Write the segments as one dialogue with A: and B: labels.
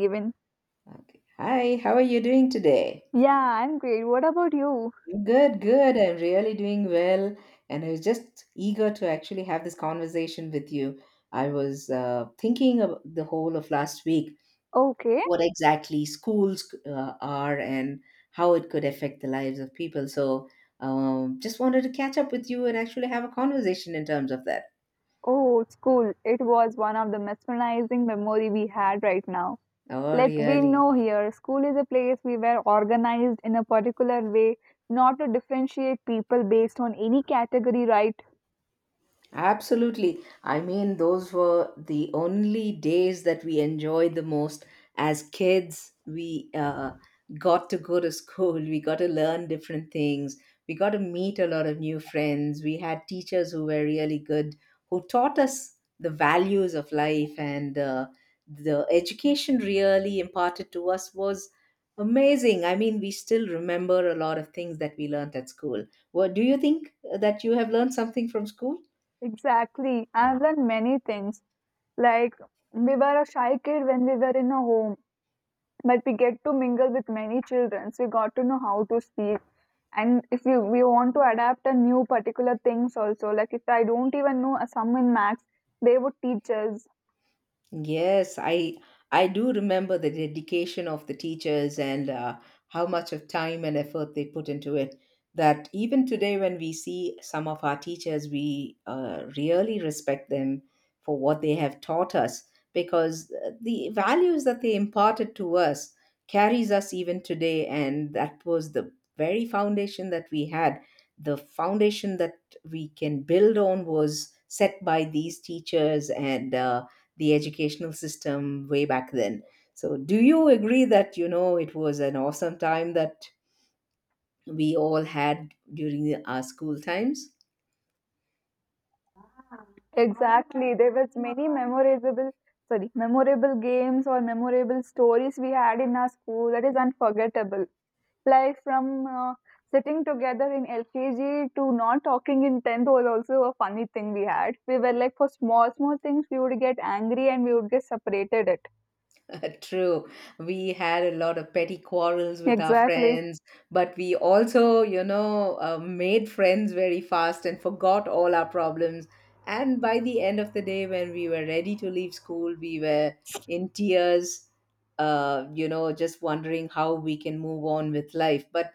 A: Even.
B: Okay. Hi, how are you doing today?
A: Yeah, I'm great. What about you?
B: Good, good. I'm really doing well. And I was just eager to actually have this conversation with you. I was thinking of the whole of last week,
A: Okay.
B: what exactly schools are and how it could affect the lives of people. So just wanted to catch up with you and actually have a conversation in terms of that.
A: Oh, school. It was one of the mesmerizing memory we had right now.
B: Oh,
A: Like we
B: really?
A: know here, school is a place we were organized in a particular way, not to differentiate people based on any category, right?
B: Absolutely. I mean, those were the only days that we enjoyed the most as kids. We got to go to school, we got to learn different things, we got to meet a lot of new friends. We had teachers who were really good, who taught us the values of life, and the education really imparted to us was amazing. I mean, we still remember a lot of things that we learned at school. What do you think that you have learned something from school?
A: Exactly. I've learned many things. Like we were a shy kid when we were in a home, but we get to mingle with many children, so we got to know how to speak. And if you we want to adapt a new particular things also, like if I don't even know a sum in max, they would teach us
B: Yes, I do remember the dedication of the teachers and how much of time and effort they put into it. That even today, when we see some of our teachers, we really respect them for what they have taught us because the values that they imparted to us carries us even today, and that was the very foundation that we had. The foundation that we can build on was set by these teachers and the educational system way back then. So, do you agree that, you know, it was an awesome time that we all had during our school times?
A: exactly. There was many memorable games or memorable stories we had in our school that is unforgettable, like from sitting together in lkg to not talking in 10th. Was also a funny thing we had. We were like, for small small things we would get angry and we would get separated it.
B: True, we had a lot of petty quarrels with our
A: Exactly.
B: friends, but we also, made friends very fast and forgot all our problems. And by the end of the day, when we were ready to leave school, we were in tears, just wondering how we can move on with life. But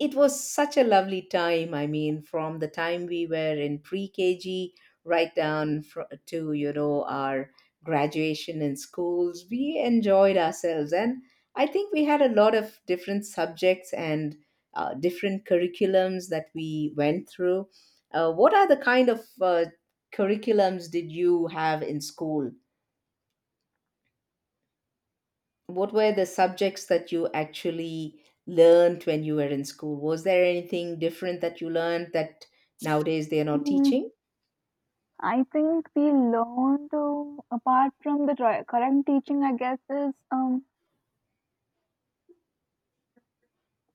B: it was such a lovely time. I mean, from the time we were in pre KG right to, you know, our graduation in schools, we enjoyed ourselves. And I think we had a lot of different subjects and different curriculums that we went through. What are the kind of curriculums did you have in school? What were the subjects that you actually learned when you were in school? Was there anything different that you learned that nowadays they are not
A: Hmm,
B: teaching?
A: I think we learn to apart from the current teaching, I guess is,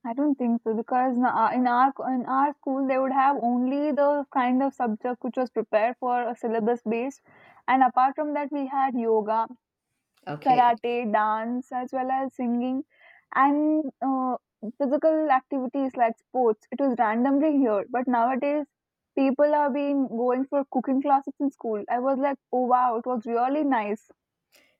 A: I don't think so, because in our school they would have only the kind of subject which was prepared for a syllabus based, and apart from that we had yoga,
B: Okay.
A: karate, dance, as well as singing, and physical activities like sports. It was randomly here, but nowadays people are being going for cooking classes in school. I was like, oh wow, it was really nice.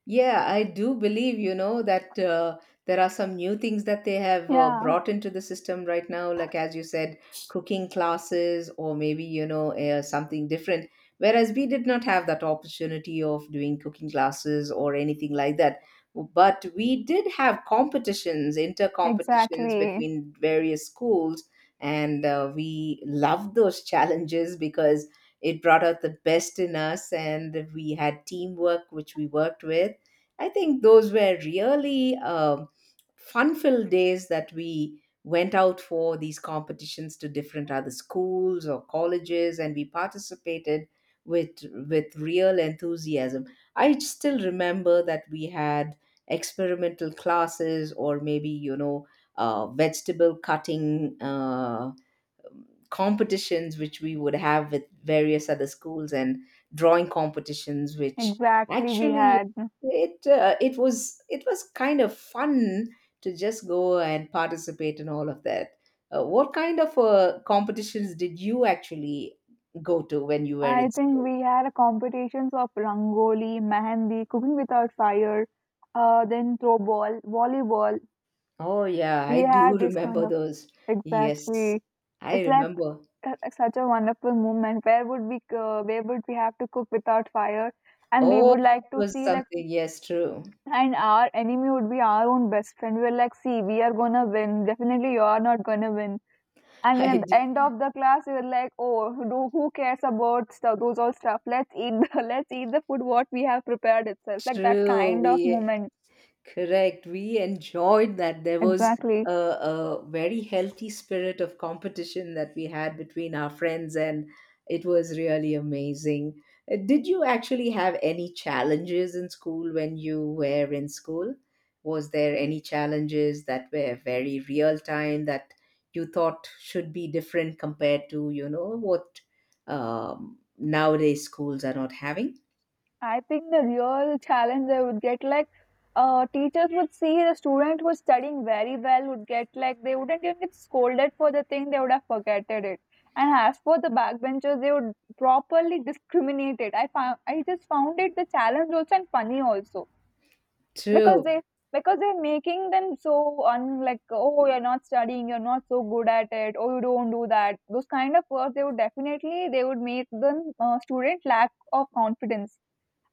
B: Yeah, I do believe, you know, that there are some new things that they have
A: Yeah,
B: brought into the system right now, like as you said, cooking classes or maybe, something different. Whereas we did not have that opportunity of doing cooking classes or anything like that. But we did have competitions, inter competitions
A: exactly.
B: between various schools, and we loved those challenges because it brought out the best in us, and we had teamwork, which we worked with. I think those were really fun filled days that we went out for these competitions to different other schools or colleges, and we participated with real enthusiasm. I still remember that we had experimental classes, or maybe, you know, vegetable cutting competitions which we would have with various other schools, and drawing competitions which
A: Exactly, we
B: actually
A: had.
B: it was kind of fun to just go and participate in all of that. What kind of competitions did you actually go to when you were
A: I
B: in
A: think
B: school?
A: we had a competitions of rangoli, mehendi, cooking without fire, then throw ball, volleyball.
B: Oh yeah, I
A: We
B: do
A: had this kind
B: remember
A: of.
B: those. Yes,
A: Exactly.
B: I
A: It's like,
B: remember.
A: such a wonderful moment. Where would we go? Where would we have to cook without fire? And we
B: Oh, it
A: would like to
B: was
A: see, like,
B: something, yes, true.
A: and our enemy would be our own best friend. We're like, see, we are gonna win. Definitely, you are not gonna win. And then
B: i
A: at
B: d-
A: the end of the class, you're like, oh, who cares about stuff? Those all stuff. Let's eat the let's eat the food what we have prepared itself. Like that
B: True,
A: kind of
B: we.
A: moment.
B: Correct. We enjoyed that. There was
A: Exactly.
B: a very healthy spirit of competition that we had between our friends, and it was really amazing. Did you actually have any challenges in school when you were in school? Was there any challenges that were very real time that you thought should be different compared to, you know, what nowadays schools are not having?
A: I think the real challenge they would get, like, teachers would see the student who's studying very well would get like, they wouldn't even get scolded for the thing they would have forgotten it. And as for the backbenchers, they would properly discriminate it. I just found it the challenge also and funny also, because
B: True.
A: they're making them so un like, oh, you're not studying, you're not so good at it, oh, you don't do that, those kind of words they would definitely they would make them, student lack of confidence.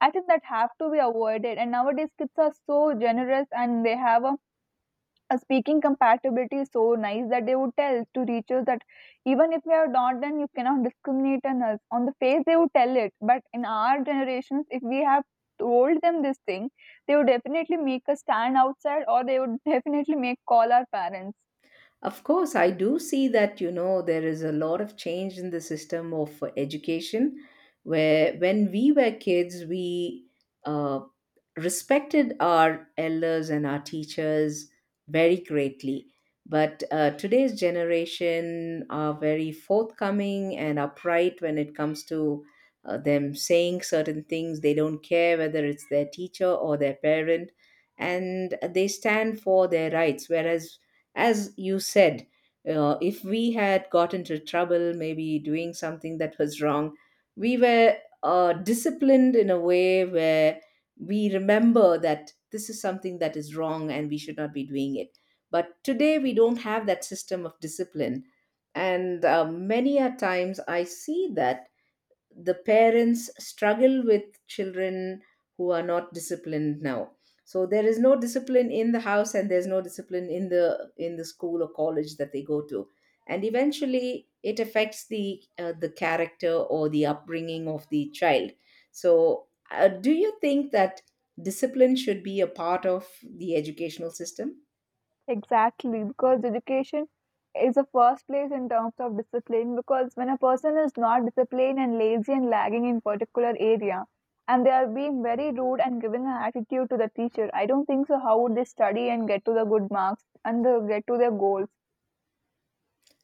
A: I think that have to be avoided. And nowadays kids are so generous, and they have a speaking compatibility so nice that they would tell to teachers that even if we are not, then you cannot discriminate on us. On the face they would tell it. But in our generations, if we have told them this thing, they would definitely make us stand outside, or they would definitely make call our parents.
B: Of course, I do see that, you know, there is a lot of change in the system of education where when we were kids, we uh, respected our elders and our teachers very greatly. But today's generation are very forthcoming and upright when it comes to them saying certain things. They don't care whether it's their teacher or their parent, and they stand for their rights. Whereas, as you said, if we had got into trouble maybe doing something that was wrong, we were disciplined in a way where we remember that this is something that is wrong and we should not be doing it. But today we don't have that system of discipline, and many a times I see that the parents struggle with children who are not disciplined now. So there is no discipline in the house, and there's no discipline in the school or college that they go to, and eventually it affects the character or the upbringing of the child. So do you think that discipline should be a part of the educational system?
A: Exactly, because education is the first place in terms of discipline. Because when a person is not disciplined and lazy and lagging in particular area, and they are being very rude and giving an attitude to the teacher, I don't think so. How would they study and get to the good marks and get to their goals?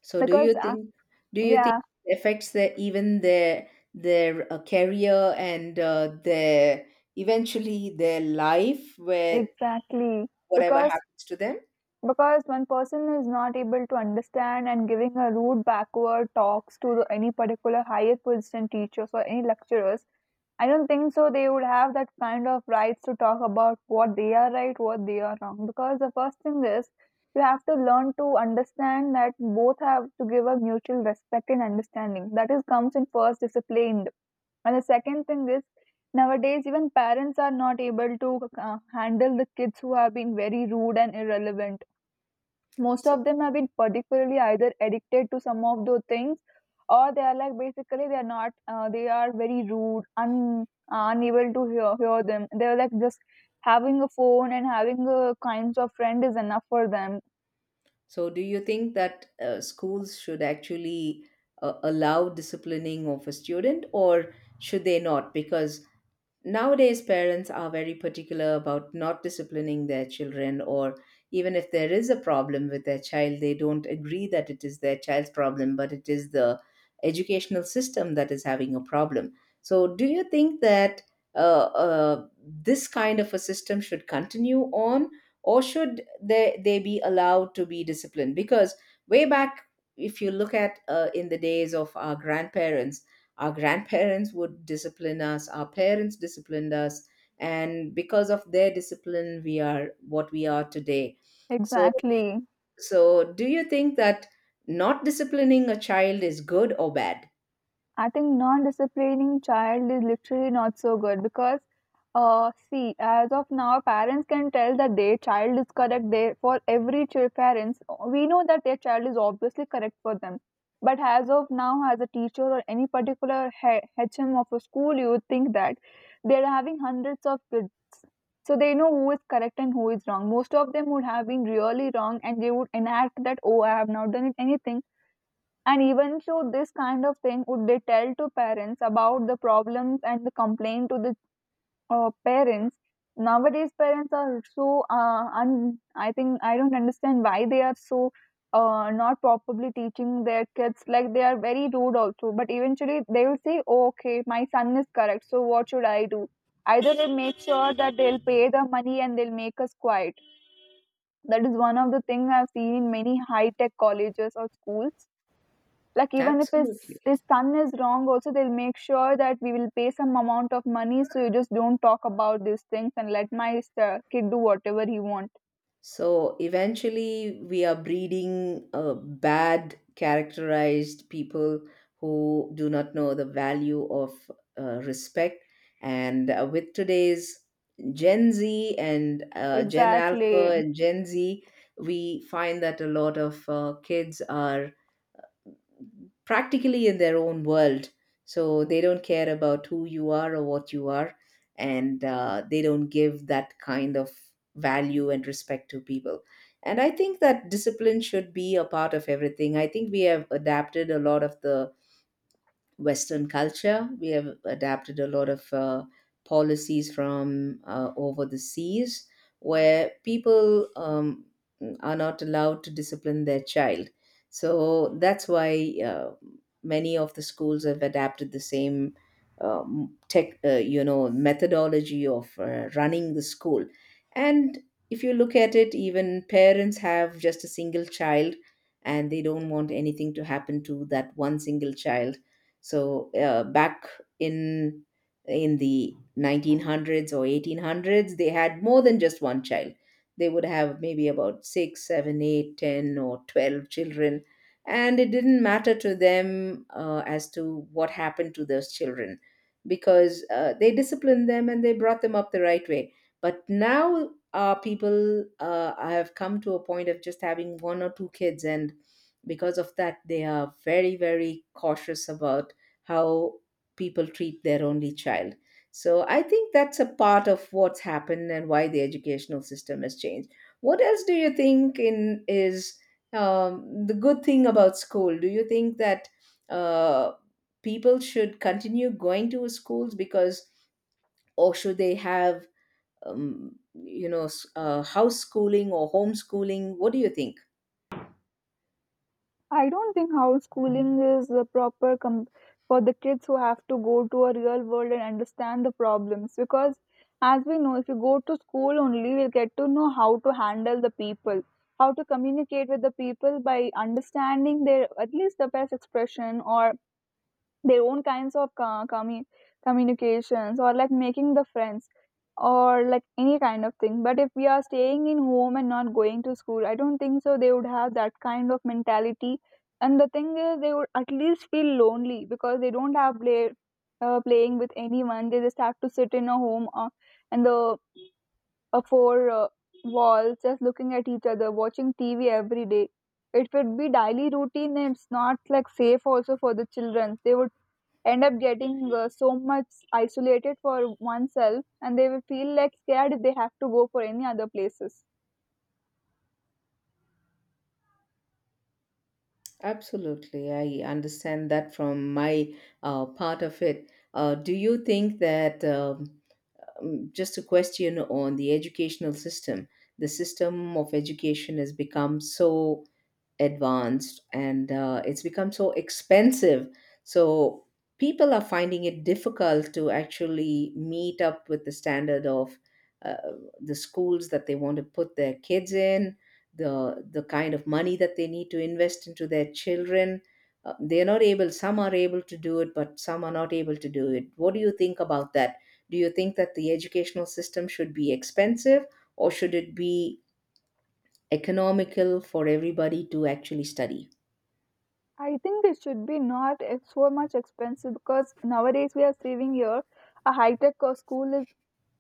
B: So do
A: Because
B: you think do you think
A: yeah,
B: it affects their even their career and their eventually their life where
A: exactly.
B: whatever
A: Because
B: happens to them?
A: Because one person is not able to understand and giving a rude backward talks to any particular higher position teachers or any lecturers, I don't think so they would have that kind of rights to talk about what they are right, what they are wrong. Because the first thing is, you have to learn to understand that both have to give a mutual respect and understanding. That is comes in first disciplined. And the second thing is, nowadays even parents are not able to handle the kids who have been very rude and irrelevant. Most
B: So
A: of them have been particularly either addicted to some of those things, or they are like basically they are not, they are very rude, unable to hear them. They're like, just having a phone and having a kinds of friend is enough for them.
B: do you think that schools should actually allow disciplining of a student or should they not? Because nowadays, parents are very particular about not disciplining their children, or even if there is a problem with their child, they don't agree that it is their child's problem, but it is the educational system that is having a problem. So, do you think that uh, this kind of a system should continue on, or should they be allowed to be disciplined? Because way back, if you look at in the days of our grandparents would discipline us, our parents disciplined us, and because of their discipline we are what we are today. So
A: Exactly.
B: do you think that not disciplining a child is good or bad?
A: I think non-disciplining child is literally not so good, because, see, as of now, parents can tell that their child is correct. They, for every child, parents, we know that their child is obviously correct for them. But as of now, as a teacher or any particular HM of a school, you would think that they're having hundreds of kids, so they know who is correct and who is wrong. Most of them would have been really wrong, and they would enact that, oh, I have not done it anything. And even so, this kind of thing would they tell to parents about the problems and the complaint to the parents. Nowadays, parents are so I think I don't understand why they are so not properly teaching their kids. Like they are very rude also. But eventually, they will say, oh, "Okay, my son is correct. So what should I do?" Either they make sure that they'll pay the money and they'll make us quiet. That is one of the things I've seen in many high tech colleges or schools, like even if his
B: Absolutely.
A: his son is wrong also, they'll make sure that we will pay some amount of money, so you just don't talk about these things and let my kid do whatever he want.
B: So eventually, we are breeding bad, characterized people who do not know the value of respect. And with today's Gen Z and Gen Alpha
A: Exactly.
B: and Gen Z, we find that a lot of kids are practically in their own world. So they don't care about who you are or what you are, and they don't give that kind of value and respect to people. And I think that discipline should be a part of everything. I think we have adapted a lot of the Western culture. We have adapted a lot of policies from over the seas where people are not allowed to discipline their child. So that's why many of the schools have adapted the same you know, methodology of running the school. And if you look at it, even parents have just a single child, and they don't want anything to happen to that one single child. So back in in the 1900s or 1800s, they had more than just one child. They would have maybe about six, seven, eight, ten, or 12 children. And it didn't matter to them as to what happened to those children because they disciplined them and they brought them up the right way. But now our people have come to a point of just having one or two kids, and because of that they are very, very cautious about how people treat their only child. So I think that's a part of what's happened and why the educational system has changed. What else do you think in is the good thing about school? Do you think that uh, people should continue going to schools, because, or should they have, you know, house schooling or homeschooling? What do you think?
A: I don't think homeschooling is the proper for the kids who have to go to a real world and understand the problems, because as we know, if you go to school only we'll get to know how to handle the people, how to communicate with the people by understanding their at least the best expression, or their own kinds of communications, or like making the friends, or like any kind of thing. But if we are staying in home and not going to school, I don't think so they would have that kind of mentality. And the thing is, they would at least feel lonely, because they don't have playing with anyone. They just have to sit in a home, and the four walls just looking at each other, watching TV every day. It would be daily routine, and it's not like safe also for the children. They would end up getting so much isolated for oneself, and they will feel like scared if they have to go for any other places.
B: Absolutely, I understand that from my part of it. Do you think that just a question on the educational system, the system of education has become so advanced and it's become so expensive. So people are finding it difficult to actually meet up with the standard of uh, the schools that they want to put their kids in, the kind of money that they need to invest into their children. They're not able. Some are able to do it, but some are not able to do it. What do you think about that? Do you think that the educational system should be expensive, or should it be economical for everybody to actually study?
A: I think it should be not so much expensive, because nowadays we are saving here, a high tech school is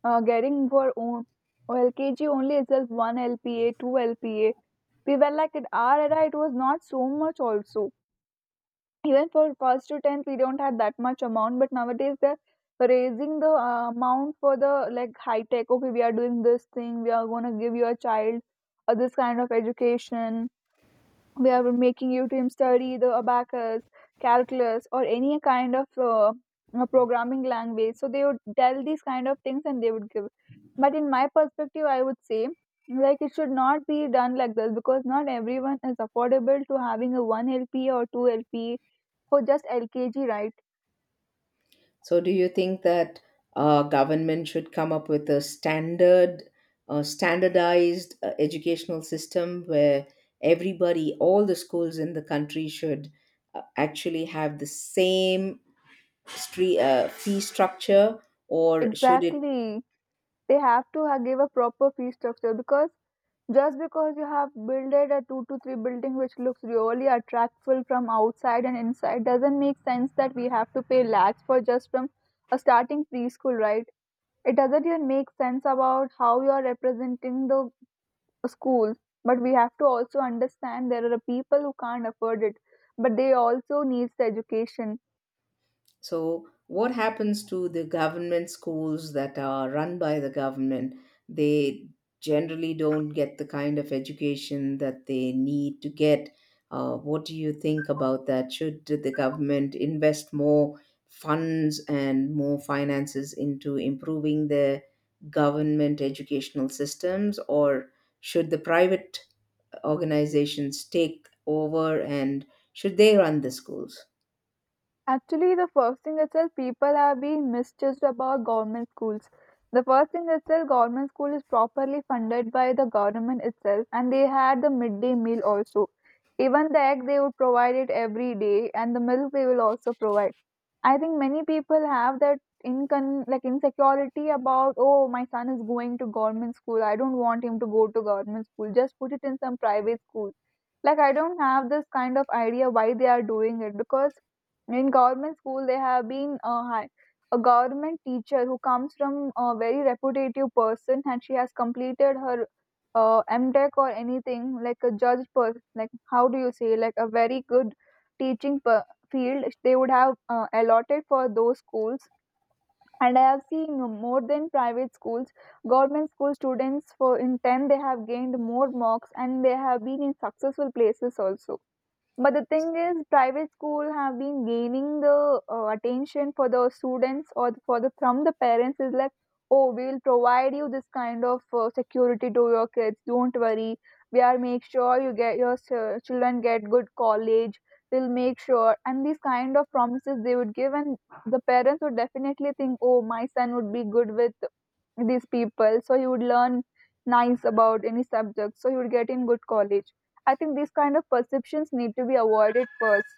A: getting for own lkg only itself 1 lpa 2 lpa. We were like, at our era it was not so much also. Even for past two times, we don't have that much amount, but nowadays they're raising the amount for the like high tech. Okay, we are doing this thing, we are gonna give your child this kind of education, we are making you to study the abacus, calculus, or any kind of programming language, so they would tell these kind of things and they would give. But in my perspective I would say, like, it should not be done like this, because not everyone is affordable to having a 1 lp or 2 lp for just lkg, right?
B: So, do you think that government should come up with a standard, standardized educational system where everybody, all the schools in the country, should actually have the same fee structure, or should it.
A: Exactly, they have to give a proper fee structure, because just because you have builded a 2 to 3 building which looks really attractful from outside and inside, doesn't make sense that we have to pay lakhs for just from a starting preschool, right? It doesn't even make sense about how you are representing the school. But we have to also understand there are people who can't afford it, but they also needs the education.
B: So, what happens to the government schools that are run by the government? They generally don't get the kind of education that they need to get. What do you think about that? Should the government invest more funds and more finances into improving the government educational systems, or should the private organizations take over and should they run the schools?
A: Actually, the first thing itself, people have been misjudged about government schools. The first thing itself, government school is properly funded by the government itself, and they had the midday meal also. Even the egg they would provide it every day, and the milk they will also provide. I think many people have that incon like insecurity about, oh, my son is going to government school, I don't want him to go to government school, just put it in some private school. Like, I don't have this kind of idea why they are doing it, because in government school they have been, a government teacher who comes from a very reputative person and she has completed her mtech or anything, like a judge person, like, how do you say, like a very good teaching field they would have allotted for those schools. And I have seen, more than private schools, government school students for in 10 they have gained more marks and they have been in successful places also. But the thing is, private school have been gaining the attention for the students, or for the from the parents is like, oh, we will provide you this kind of security to your kids. Don't worry, we are make sure you get your children get good college. We'll make sure, and these kind of promises they would give, and the parents would definitely think, oh, my son would be good with these people, so he would learn nice about any subject, so he would get in good college. I think these kind of perceptions need to be avoided first.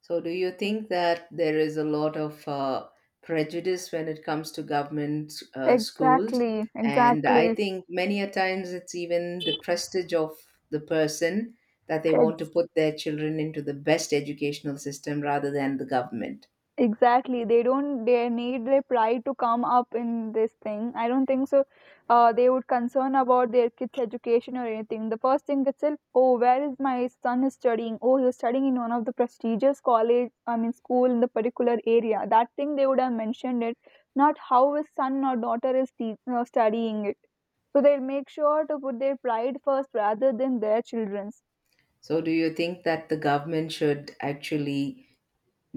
B: So, do you think that there is a lot of prejudice when it comes to government schools?
A: Exactly,
B: And I
A: exactly,
B: think many a times it's even the prestige of the person that they want to
A: ex-
B: put their children into the best educational system rather than the government.
A: exactly. They don't. They need their pride to come up in this thing. I don't think so. They would concern about their kids' education or anything. The first thing itself. Oh, where is my son is studying? Oh, he's studying in one of the prestigious college. I mean, school in the particular area. That thing they would have mentioned it. Not how his son or daughter is studying it. So they'll make sure to put their pride first rather than their children's.
B: So, do you think that the government should actually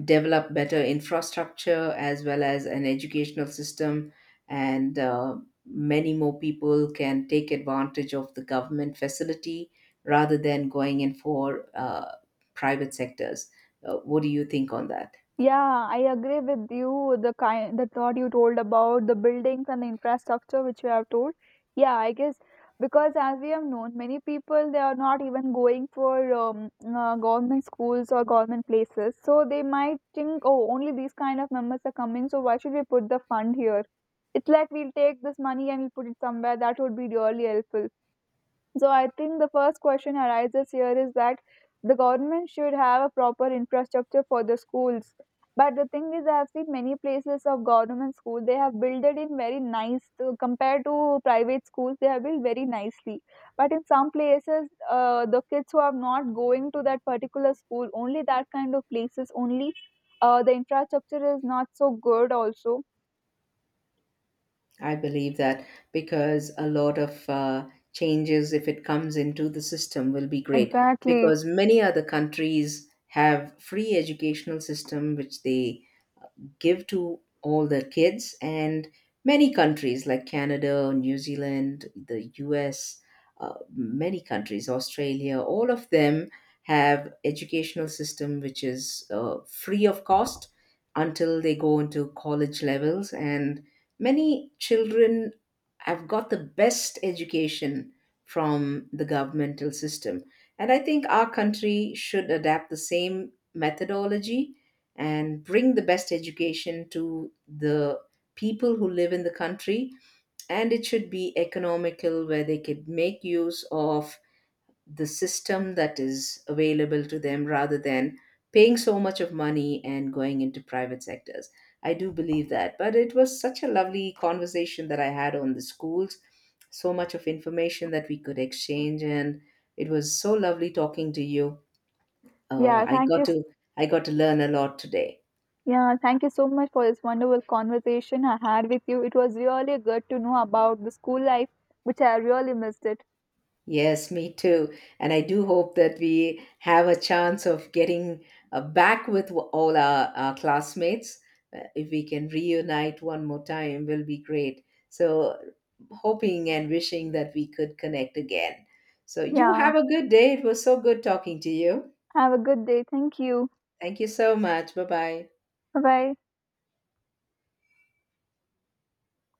B: develop better infrastructure as well as an educational system, and many more people can take advantage of the government facility rather than going in for private sectors? What do you think on that?
A: Yeah, I agree with you. The thought you told about the buildings and the infrastructure which you have told. Yeah, I guess, because as we have known, many people they are not even going for government schools or government places. So they might think, oh, only these kind of members are coming, so why should we put the fund here? It's like, we'll take this money and we'll put it somewhere that would be really helpful. So I think the first question arises here is that the government should have a proper infrastructure for the schools. But the thing is, I have seen many places of government school they have built it in very nice to, compared to private schools, they have built very nicely, but in some places, the kids who are not going to that particular school, only that kind of places, only the infrastructure is not so good also.
B: I believe that, because a lot of changes, if it comes into the system, will be great,
A: Exactly.
B: because many other countries have free educational system which they give to all the kids. And many countries like Canada, New Zealand, the US, many countries, Australia, all of them have educational system which is free of cost until they go into college levels. And many children have got the best education from the governmental system, and I think our country should adapt the same methodology and bring the best education to the people who live in the country. And it should be economical where they could make use of the system that is available to them rather than paying so much of money and going into private sectors. I do believe that. But it was such a lovely conversation that I had on the schools, so much of information that we could exchange, and it was so lovely talking to you. uh,
A: Yeah.
B: i
A: Thank
B: got
A: you.
B: to I got to learn a lot today.
A: Yeah, thank you so much for this wonderful conversation I had with you. It was really good to know about the school life, which I really missed it.
B: Yes, me too. And I do hope that we have a chance of getting back with all our classmates. If we can reunite one more time, will be great. So, hoping and wishing that we could connect again. So, you
A: Yeah,
B: have a good day. It was so good talking to you.
A: have a good day. Thank you.
B: Thank you so much. Bye bye.
A: Bye bye.